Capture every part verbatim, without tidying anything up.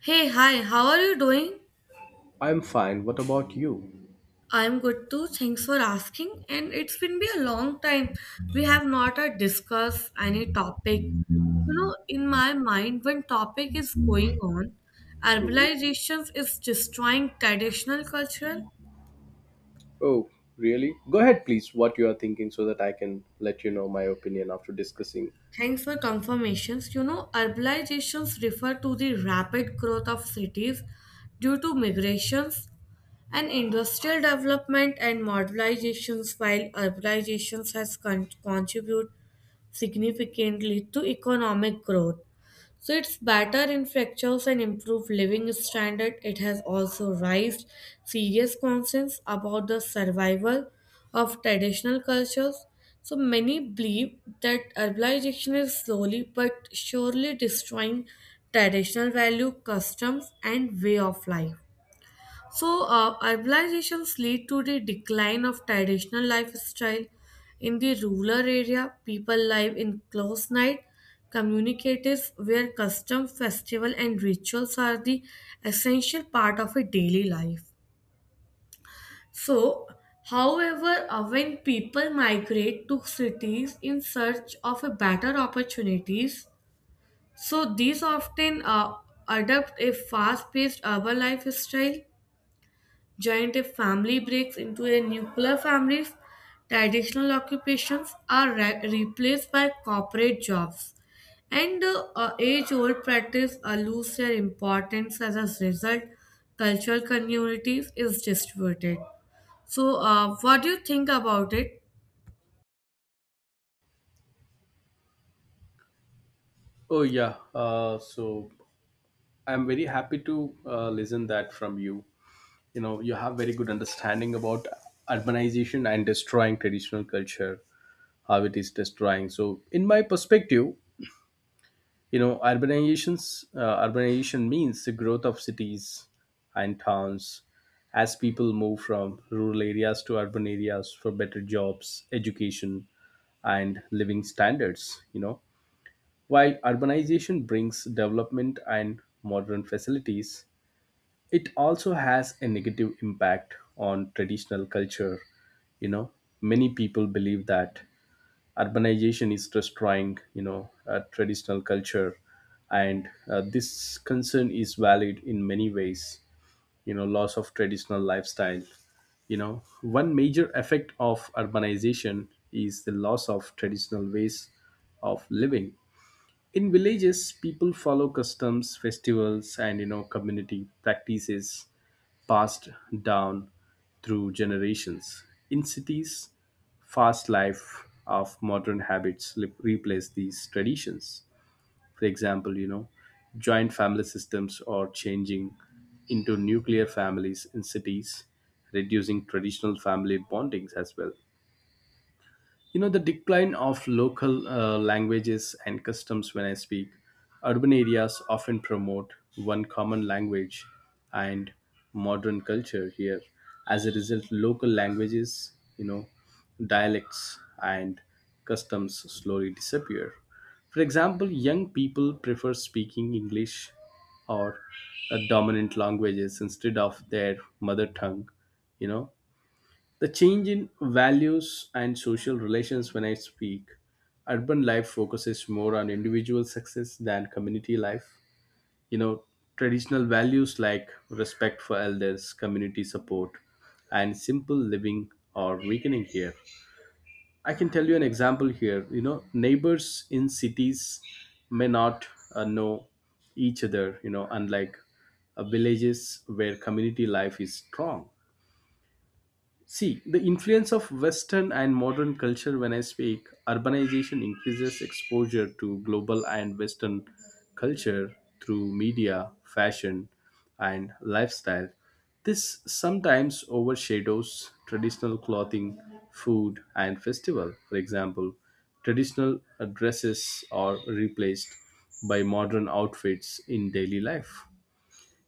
Hey, hi, how are you doing? I'm fine. What about you? I'm good too. Thanks for asking. And it's been be a long time. We have not uh, discussed any topic. You know, in my mind, when topic is going on, Mhm. herbalization is destroying traditional cultural. Oh, really? Go ahead, please, what you are thinking so that I can let you know my opinion after discussing. Thanks for confirmations. You know, urbanizations refer to the rapid growth of cities due to migrations and industrial development and modernizations while urbanizations has con- contributed significantly to economic growth. So it's better infrastructures and improved living standard. It has also raised serious concerns about the survival of traditional cultures. So many believe that urbanization is slowly but surely destroying traditional value, customs, and way of life. So, uh, urbanizations lead to the decline of traditional lifestyle. In the rural area, people live in close night communicatives where custom festival and rituals are the essential part of a daily life. So, however, uh, when people migrate to cities in search of a better opportunities, so these often uh, adopt a fast-paced urban lifestyle. Joint family breaks into a nuclear families, traditional occupations are re- replaced by corporate jobs, and uh, age-old practice uh, lose their importance. As a result, cultural communities is distributed. So, uh, what do you think about it? Oh, yeah. Uh, so I'm very happy to uh, listen that from you. You know, you have very good understanding about urbanization and destroying traditional culture, how it is destroying. So, in my perspective, you know urbanizations uh, urbanization means the growth of cities and towns as people move from rural areas to urban areas for better jobs, education, and living standards. You know, while urbanization brings development and modern facilities, it also has a negative impact on traditional culture. You know, many people believe that urbanization is destroying, you know, uh, traditional culture, and uh, this concern is valid in many ways. You know, loss of traditional lifestyle, you know, one major effect of urbanization is the loss of traditional ways of living. In villages, people follow customs, festivals, and, you know, community practices passed down through generations. In cities, fast life of modern habits li- replace these traditions. For example, you know, joint family systems are changing into nuclear families in cities, reducing traditional family bondings as well. You know, the decline of local uh, languages and customs when I speak, urban areas often promote one common language and modern culture here. As a result, local languages, you know, dialects and customs slowly disappear. For example, young people prefer speaking English or uh, dominant languages instead of their mother tongue, you know, the change in values and social relations when I speak, urban life focuses more on individual success than community life. You know, traditional values like respect for elders, community support, and simple living are weakening here. I can tell you an example here. You know, neighbors in cities may not uh, know each other, you know, unlike uh, villages where community life is strong. See, the influence of Western and modern culture when I speak, urbanization increases exposure to global and Western culture through media, fashion, and lifestyle. This sometimes overshadows traditional clothing, food, and festival. For example, traditional uh, dresses are replaced by modern outfits in daily life.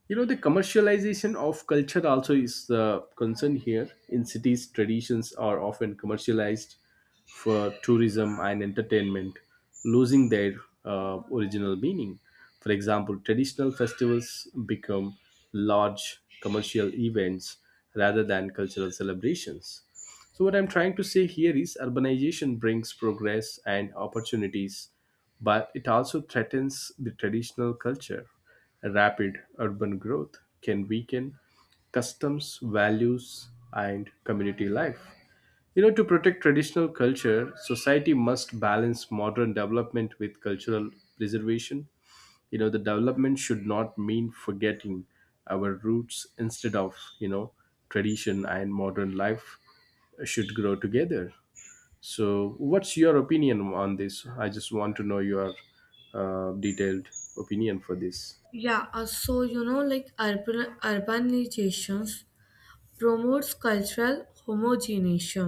You know, the commercialization of culture also is the concern here. In cities, traditions are often commercialized for tourism and entertainment, losing their uh, original meaning. For example, traditional festivals become large commercial events rather than cultural celebrations. So, what I'm trying to say here is urbanization brings progress and opportunities, but it also threatens the traditional culture. Rapid urban growth can weaken customs, values, and community life. You know, to protect traditional culture, society must balance modern development with cultural preservation. You know, the development should not mean forgetting our roots. Instead of, you know, tradition and modern life should grow together. So what's your opinion on this? I just want to know your uh, detailed opinion for this. Yeah, uh, so you know, like urban urbanizations promotes cultural homogeneity.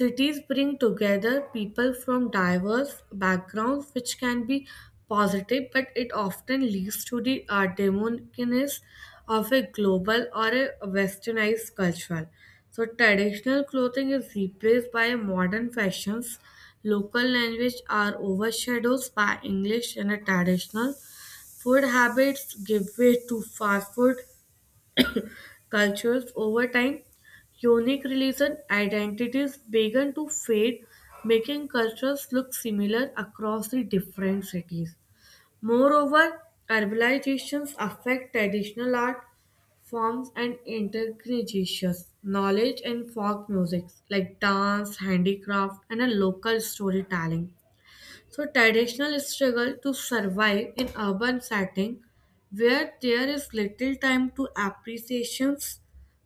Cities bring together people from diverse backgrounds, which can be positive, but it often leads to the uh, demonicness of a global or a westernized culture. So, traditional clothing is replaced by modern fashions. Local language are overshadowed by English and a traditional food habits give way to fast food cultures over time, unique religion identities began to fade, making cultures look similar across the different cities. Moreover, urbanizations affect traditional art forms and intercreations, knowledge and folk music like dance, handicraft, and a local storytelling. So traditional struggle to survive in urban setting where there is little time to appreciations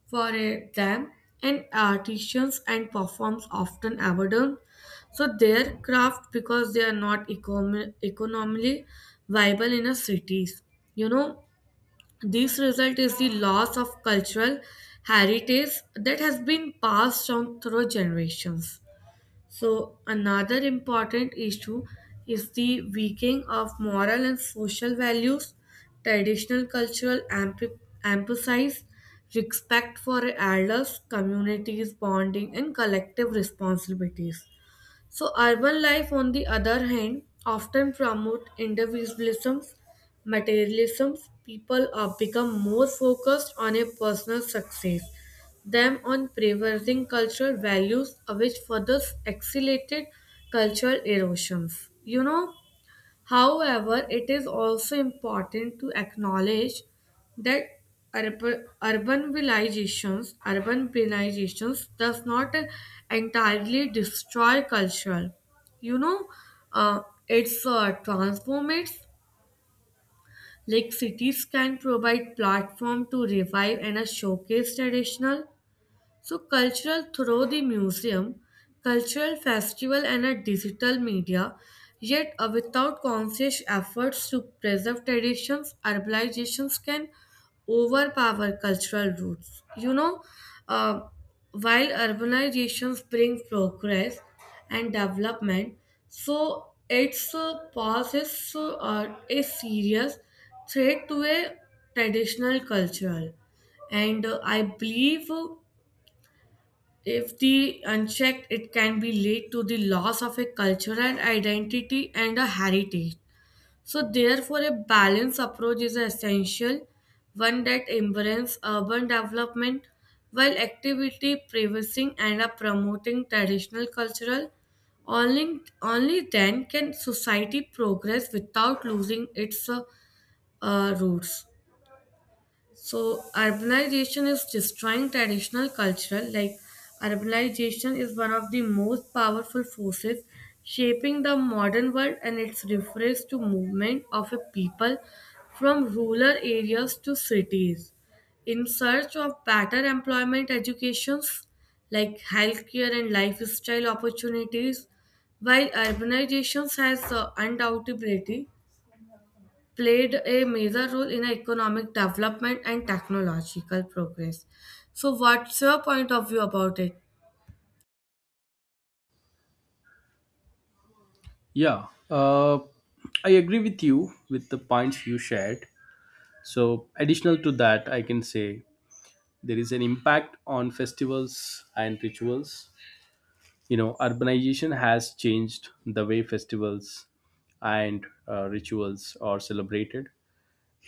for a them, and artisans and performs often abandon so their craft because they are not econ- economically viable in a cities. You know, this result is the loss of cultural heritage that has been passed on through generations. So, another important issue is the weakening of moral and social values. Traditional cultural emph- emphasize respect for elders, communities, bonding, and collective responsibilities. So urban life, on the other hand, often promote individualism, materialism. People are become more focused on a personal success than on preserving cultural values, uh, which further accelerated cultural erosions. You know, however, it is also important to acknowledge that urb- urbanizations, urbanizations does not entirely destroy cultural. You know, uh, it's uh, transform it. Like cities can provide platform to revive and uh, showcase traditional so, cultural through the museum, cultural festival, and a digital media, yet uh, without conscious efforts to preserve traditions, urbanizations can overpower cultural roots. You know, uh, while urbanizations bring progress and development, so its uh, poses uh, a serious threat to a traditional culture, and uh, i believe uh, if the unchecked, it can be lead to the loss of a cultural identity and a heritage. So, therefore, a balanced approach is essential, one that embraces urban development while actively preserving and uh, promoting traditional cultural. Only, only then can society progress without losing its uh, uh, roots. So urbanization is destroying traditional cultural like urbanization is one of the most powerful forces shaping the modern world, and it's refers to movement of a people from rural areas to cities in search of better employment educations like healthcare and lifestyle opportunities while urbanization has the undoubtedly played a major role in economic development and technological progress. So, what's your point of view about it? Yeah, uh, I agree with you with the points you shared. So additional to that, I can say there is an impact on festivals and rituals. You know, urbanization has changed the way festivals and uh, rituals are celebrated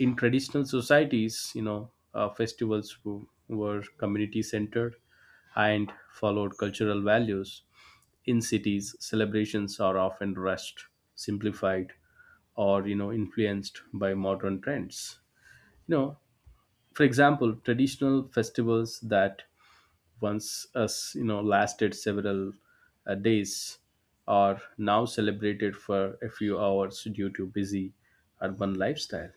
in traditional societies. You know, uh, festivals w- were community centered and followed cultural values. In cities, celebrations are often rushed, simplified, or, you know, influenced by modern trends. You know, for example, traditional festivals that once us you know lasted several uh, days are now celebrated for a few hours due to busy urban lifestyle.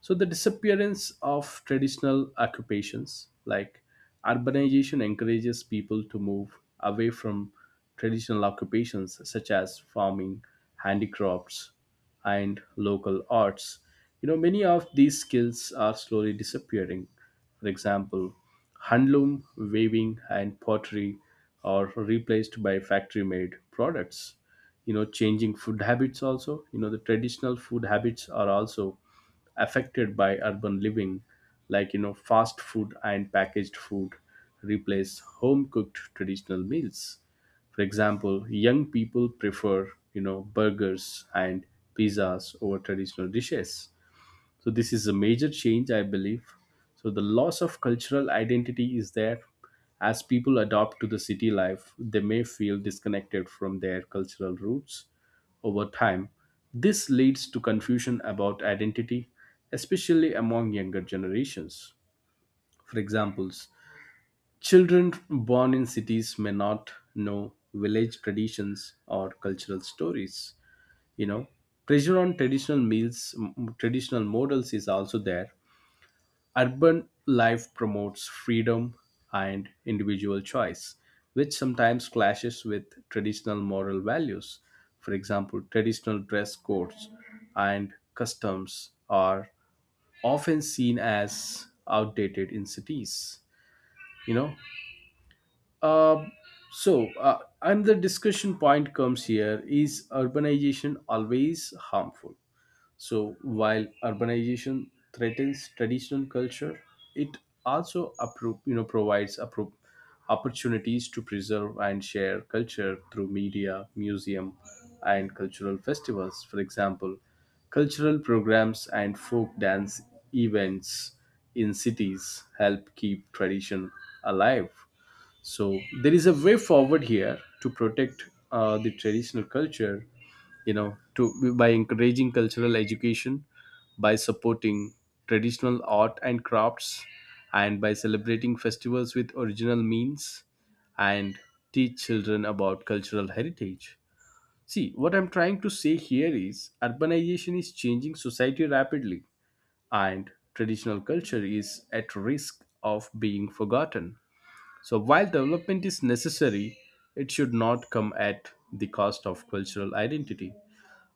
So the disappearance of traditional occupations, like, urbanization encourages people to move away from traditional occupations such as farming, handicrafts, and local arts. You know, many of these skills are slowly disappearing. For example, handloom, weaving, and pottery are replaced by factory made products. You know, changing food habits also. You know, the traditional food habits are also affected by urban living, like, you know, fast food and packaged food replace home cooked traditional meals. For example, young people prefer, you know, burgers and pizzas over traditional dishes. So this is a major change, I believe. So the loss of cultural identity is there. As people adopt to the city life, they may feel disconnected from their cultural roots. Over time, this leads to confusion about identity, especially among younger generations. For examples, children born in cities may not know village traditions or cultural stories. You know, pressure on traditional meals, m- traditional models, is also there. Urban life promotes freedom and individual choice, which sometimes clashes with traditional moral values. For example, traditional dress codes and customs are often seen as outdated in cities. You know, uh, so uh, and the discussion point comes here: is urbanization always harmful? So while urbanization threatens traditional culture, it also appro- you know provides appro- opportunities to preserve and share culture through media, museum, and cultural festivals. For example, cultural programs and folk dance events in cities help keep tradition alive. So there is a way forward here to protect uh, the traditional culture, you know, to by encouraging cultural education, by supporting traditional art and crafts, and by celebrating festivals with original means, and teach children about cultural heritage. See, what I'm trying to say here is urbanization is changing society rapidly, and traditional culture is at risk of being forgotten. So while development is necessary, it should not come at the cost of cultural identity.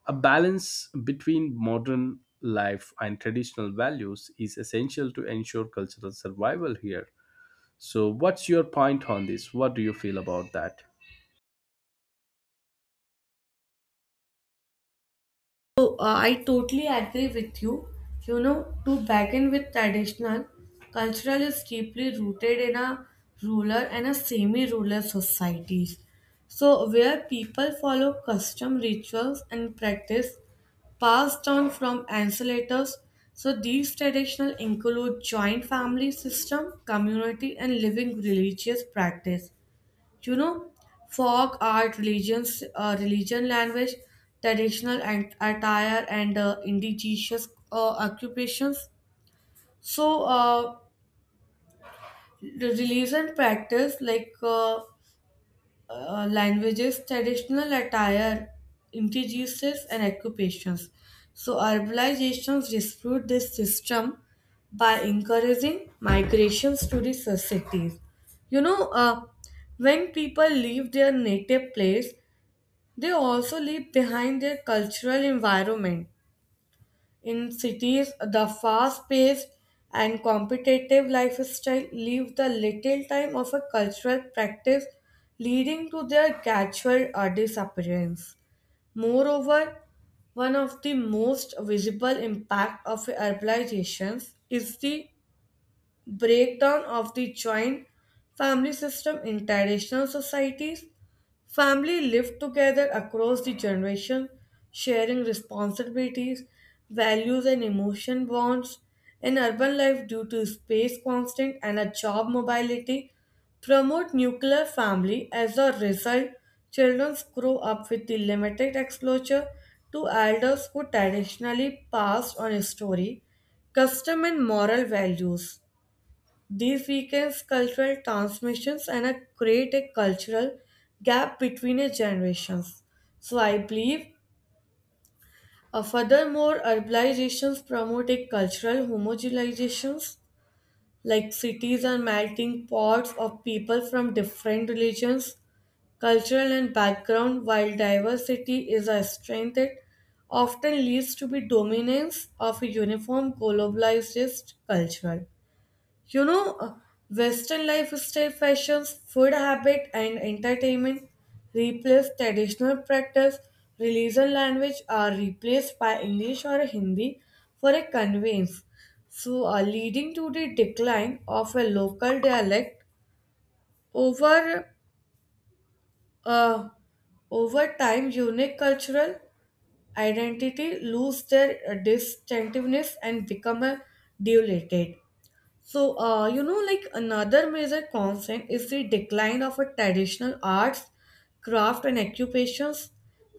A balance between modern life and traditional values is essential to ensure cultural survival here. So what's your point on this? What do you feel about that? So, uh, I totally agree with you. You know, to begin with traditional, cultural is deeply rooted in a rural and a semi-rural societies. So, where people follow custom rituals and practice passed down from ancestors. So, these traditional include joint family system, community, and living religious practice. You know, folk art religions, uh, religion language, traditional and attire and uh, indigenous uh, occupations. So uh, the religion practice like uh, uh, languages, traditional attire, indigenous and occupations. So urbanizations dispute this system by encouraging migrations to the cities. you know uh, when people leave their native place, they also leave behind their cultural environment. In cities, the fast paced and competitive lifestyle leave the little time of a cultural practice, leading to their gradual uh, disappearance. Moreover, one of the most visible impact of urbanizations is the breakdown of the joint family system in traditional societies. Family lived together across the generation, sharing responsibilities, values, and emotion bonds. In urban life, due to space constraint and a job mobility, promote nuclear family. As a result, children grow up with the limited exposure to elders who traditionally passed on history, custom, and moral values. These weakens cultural transmissions and uh, create a cultural gap between uh, generations. So I believe uh, furthermore urbanizations promote a cultural homogenizations like cities are melting pots of people from different religions, cultural and background while diversity is a strength that often leads to the dominance of a uniform globalized culture. You know, uh, Western lifestyle fashions, food habit, and entertainment replace traditional practice. Religion language are replaced by English or Hindi for a conveyance, so uh, leading to the decline of a local dialect over uh, over time. Unique cultural identity lose their uh, distinctiveness and become a diluted. So, uh, you know, like another major concern is the decline of a traditional arts, craft, and occupations,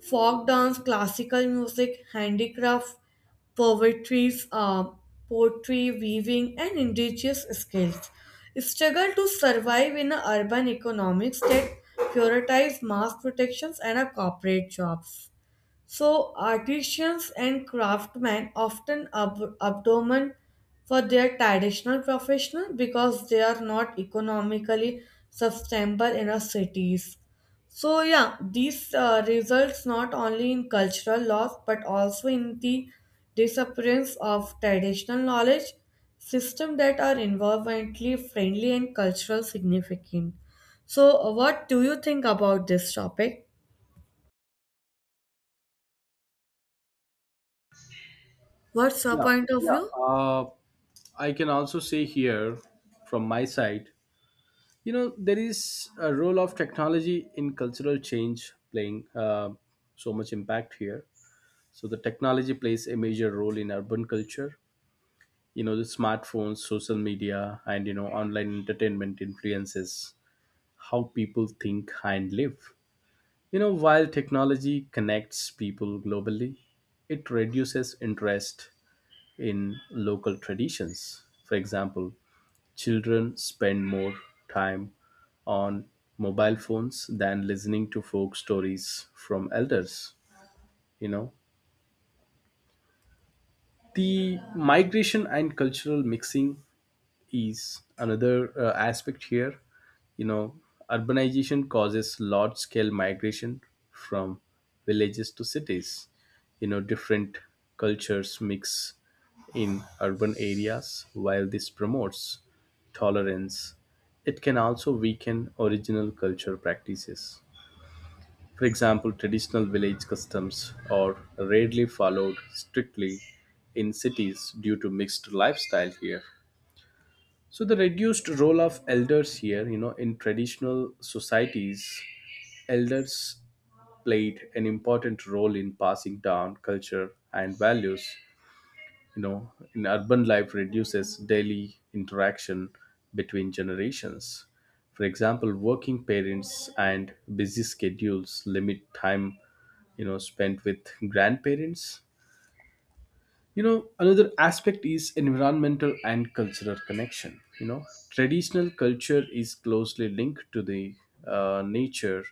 folk dance, classical music, handicraft, poetries, uh, poetry, weaving, and indigenous skills. Struggle to survive in a urban economics that prioritize mass protections and a corporate jobs. So artisans and craftsmen often ab- abdomen for their traditional profession because they are not economically sustainable in our cities. So yeah, this uh, results not only in cultural loss but also in the disappearance of traditional knowledge system that are environmentally friendly and cultural significant. So what do you think about this topic? What's your Yeah, point of yeah. view? Uh, I can also say here from my side, you know, there is a role of technology in cultural change playing uh, so much impact here. So the technology plays a major role in urban culture. You know, the smartphones, social media, and, you know, online entertainment influences how people think and live. You know, while technology connects people globally, it reduces interest in local traditions. For example, children spend more time on mobile phones than listening to folk stories from elders. You know, the migration and cultural mixing is another uh, aspect here. You know, urbanization causes large scale migration from villages to cities. You know, different cultures mix in urban areas. While this promotes tolerance, it can also weaken original culture practices. For example, traditional village customs are rarely followed strictly in cities due to mixed lifestyle here. So the reduced role of elders here, you know, in traditional societies, elders played an important role in passing down culture and values. You know, in urban life reduces daily interaction between generations. For example, working parents and busy schedules limit time, you know, spent with grandparents. You know, another aspect is environmental and cultural connection. You know, traditional culture is closely linked to the uh, nature,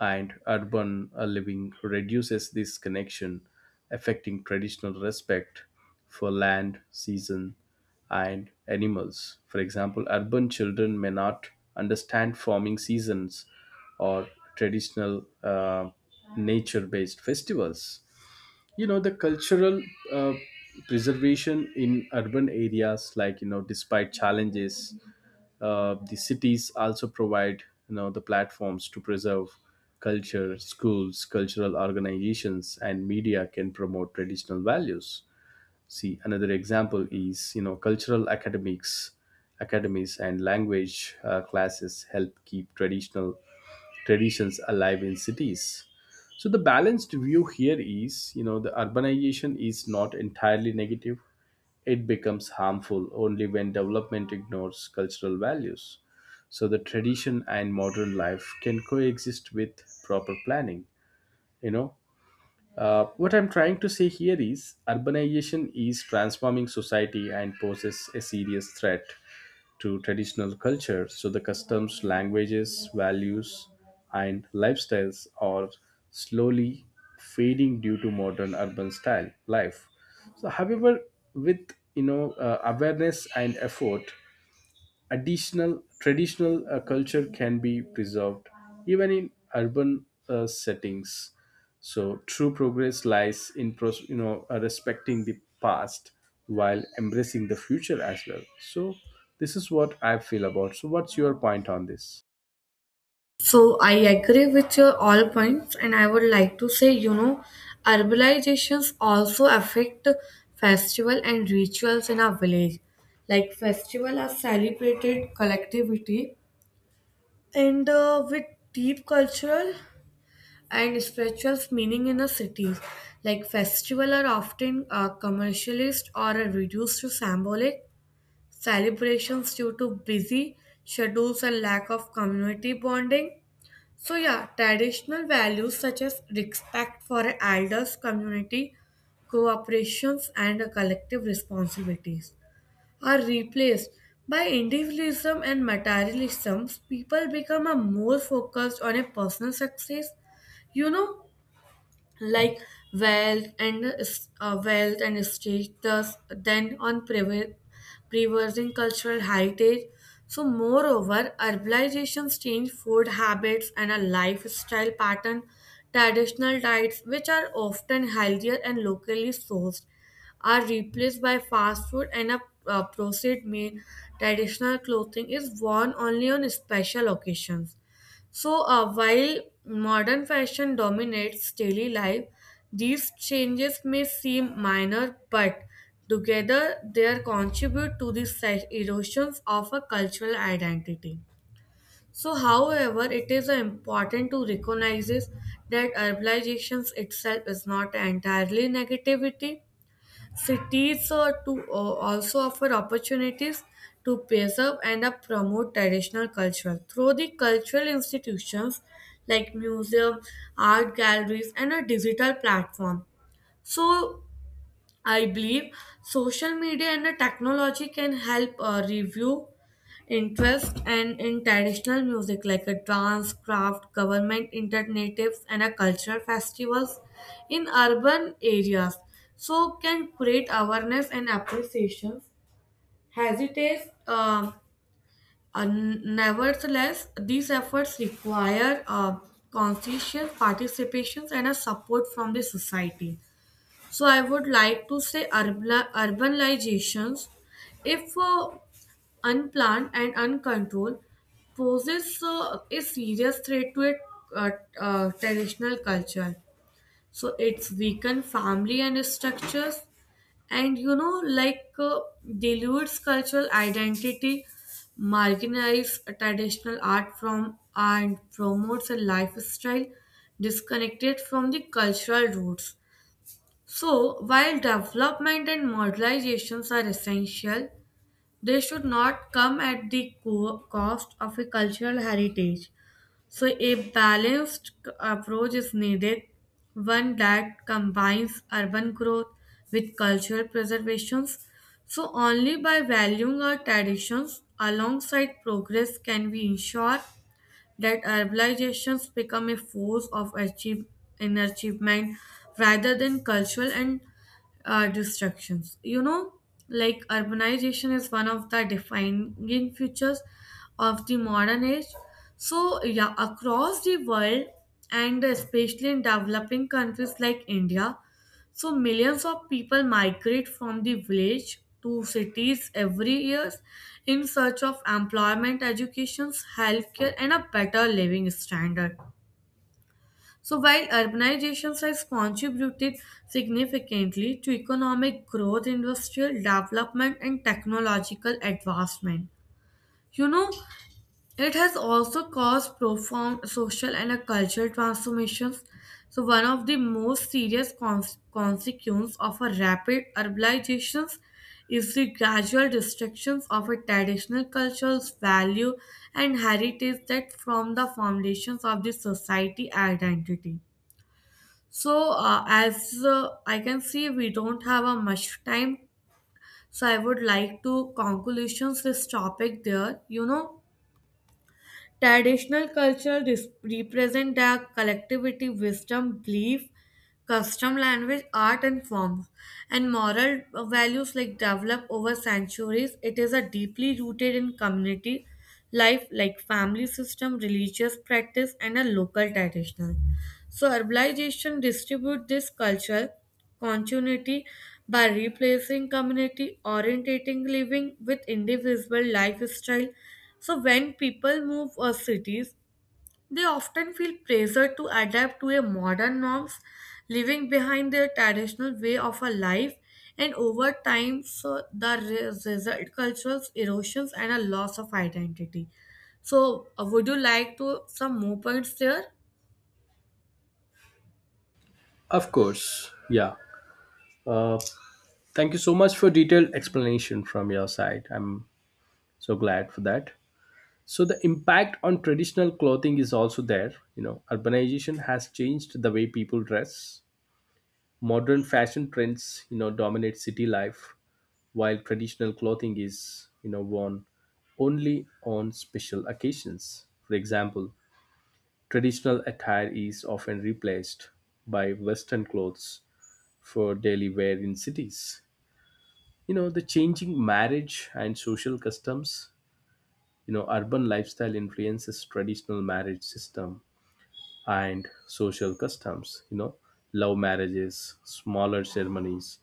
and urban uh, living reduces this connection, affecting traditional respect for land, season, and animals. For example, urban children may not understand farming seasons or traditional uh, nature based festivals. You know the cultural uh, Preservation in urban areas, like, you know, despite challenges, uh, the cities also provide, you know, the platforms to preserve culture. Schools, cultural organizations, and media can promote traditional values. See, another example is, you know, cultural academics, academies and language uh, classes help keep traditional traditions alive in cities. So the balanced view here is, you know, the urbanization is not entirely negative. It becomes harmful only when development ignores cultural values. So the tradition and modern life can coexist with proper planning, you know. Uh, what I'm trying to say here is urbanization is transforming society and poses a serious threat to traditional culture. So the customs, languages, values, and lifestyles are slowly fading due to modern urban style life. So, however, with, you know, uh, awareness and effort, additional traditional uh, culture can be preserved even in urban uh, settings. So true progress lies in pros- you know uh, respecting the past while embracing the future as well. So this is what I feel about. So what's your point on this? So I agree with your all points, and I would like to say, you know, urbanizations also affect festival and rituals in our village. Like festival are celebrated collectivity and uh, with deep cultural and spiritual meaning in the cities. Like festival are often uh, commercialized or are reduced to symbolic celebrations due to busy schedules and lack of community bonding. So yeah, traditional values such as respect for elders, community, cooperations, and collective responsibilities are replaced by individualism and materialism. People become a more focused on a personal success. You know, like wealth and es- uh, wealth and state thus then on prever- preserving cultural heritage. So moreover urbanizations change food habits and a lifestyle pattern. Traditional diets which are often healthier and locally sourced are replaced by fast food and a uh, processed meal. Traditional clothing is worn only on special occasions, so, uh, while modern fashion dominates daily life, these changes may seem minor, but together they contribute to the se- erosions of a cultural identity. So, however, it is uh, important to recognize that urbanization itself is not entirely negativity. Cities uh, to, uh, also offer opportunities to preserve and uh, promote traditional culture through the cultural institutions like museum, art galleries, and a digital platform. So I believe social media and uh, technology can help uh, review interest and in traditional music like a dance, craft, government alternatives, and a cultural festivals in urban areas. So can create awareness and appreciation. Hesitates, um, uh, Nevertheless, these efforts require uh, conscientious participations and a support from the society. So I would like to say urban, urbanizations if uh, unplanned and uncontrolled, poses uh, a serious threat to a uh, uh, traditional culture. So it's weakened family and structures, and you know, like uh, dilutes cultural identity, marginalize traditional art from and promotes a lifestyle disconnected from the cultural roots. So, while development and modernizations are essential, they should not come at the co- cost of a cultural heritage. So, a balanced c- approach is needed, one that combines urban growth with cultural preservations. So, only by valuing our traditions alongside progress can we ensure that urbanizations become a force of achieve, in achievement rather than cultural and uh, distractions. You know, like urbanization is one of the defining features of the modern age. So, yeah, across the world and especially in developing countries like India, so millions of people migrate from the village to cities every year in search of employment, education, healthcare, and a better living standard. So while urbanization has contributed significantly to economic growth, industrial development, and technological advancement, you know, it has also caused profound social and uh, cultural transformations. So, one of the most serious cons- consequences of a rapid urbanization is the gradual destruction of a traditional culture's value and heritage that form the foundations of the society identity. So, uh, as uh, I can see, we don't have a much time. So, I would like to conclusions this topic there. You know, traditional culture res- represent the collectivity, wisdom, belief, custom, language, art, and forms, and moral values like develop over centuries. It is a deeply rooted in community life like family system, religious practice, and a local traditional. So urbanization distribute this culture continuity by replacing community orientating living with individual lifestyle. So when people move or cities, they often feel pressure to adapt to a modern norms, leaving behind their traditional way of a life. And over time, so the re- result cultural erosions and a loss of identity. So, uh, would you like to some more points there? Of course, yeah. uh, Thank you so much for detailed explanation from your side. I'm so glad for that. So the impact on traditional clothing is also there. You know, urbanization has changed the way people dress. Modern fashion trends, you know, dominate city life, while traditional clothing is, you know, worn only on special occasions. For example, traditional attire is often replaced by Western clothes for daily wear in cities. You know, the changing marriage and social customs, you know, urban lifestyle influences traditional marriage system and social customs. You know, love marriages, smaller ceremonies,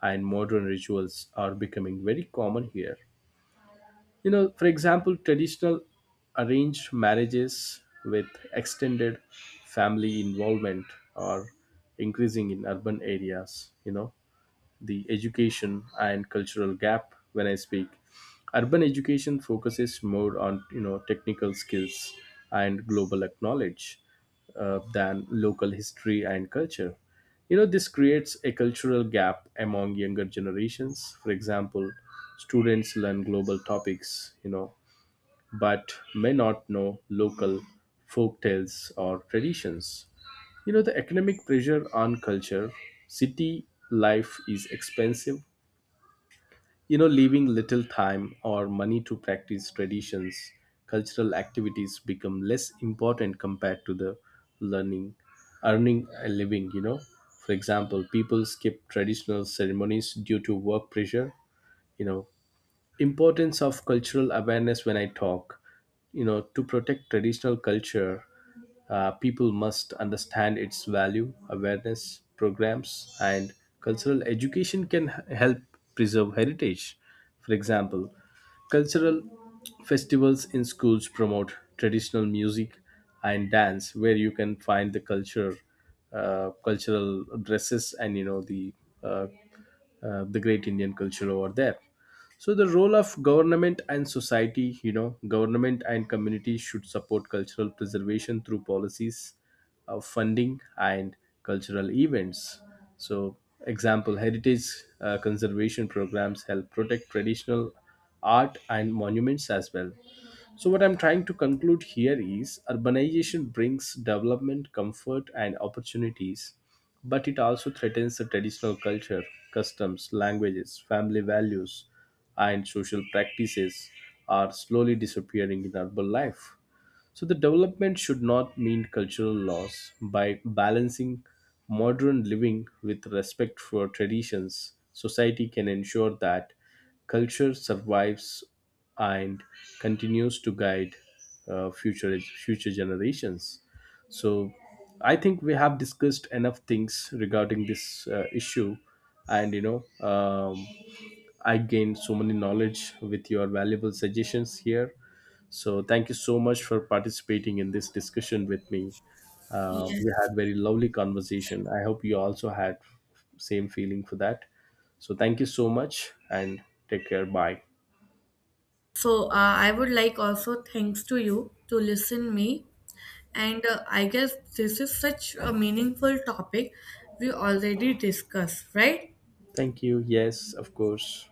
and modern rituals are becoming very common here. You know, for example, traditional arranged marriages with extended family involvement are increasing in urban areas. You know, the education and cultural gap when I speak. Urban education focuses more on, you know, technical skills and global knowledge uh, than local history and culture. You know, this creates a cultural gap among younger generations. For example, students learn global topics, you know, but may not know local folktales or traditions. You know, the economic pressure on culture, city life is expensive, you know, leaving little time or money to practice traditions. Cultural activities become less important compared to the learning, earning a living, you know. For example, people skip traditional ceremonies due to work pressure, you know, importance of cultural awareness when I talk. You know, to protect traditional culture, uh, people must understand its value. Awareness programs and cultural education can h- help preserve heritage. For example, cultural festivals in schools promote traditional music and dance where you can find the culture, uh, cultural dresses, and, you know, the uh, uh, the great Indian culture over there. So the role of government and society, you know, government and communities should support cultural preservation through policies, uh, funding, and cultural events. So example, heritage uh, conservation programs help protect traditional art and monuments as well. So, what I'm trying to conclude here is urbanization brings development, comfort, and opportunities, but it also threatens the traditional culture. Customs, languages, family values, and social practices are slowly disappearing in urban life. So the development should not mean cultural loss. By balancing modern living with respect for traditions, society can ensure that culture survives and continues to guide uh, future future generations. So I think we have discussed enough things regarding this uh, issue, and, you know, um, I gained so many knowledge with your valuable suggestions here. So thank you so much for participating in this discussion with me. Uh, we Yes. had very lovely conversation. I hope you also had same feeling for that. So thank you so much and take care. Bye. So uh, I would like also thanks to you to listen me and uh, I guess this is such a meaningful topic we already discussed, right? Thank you. Yes, of course.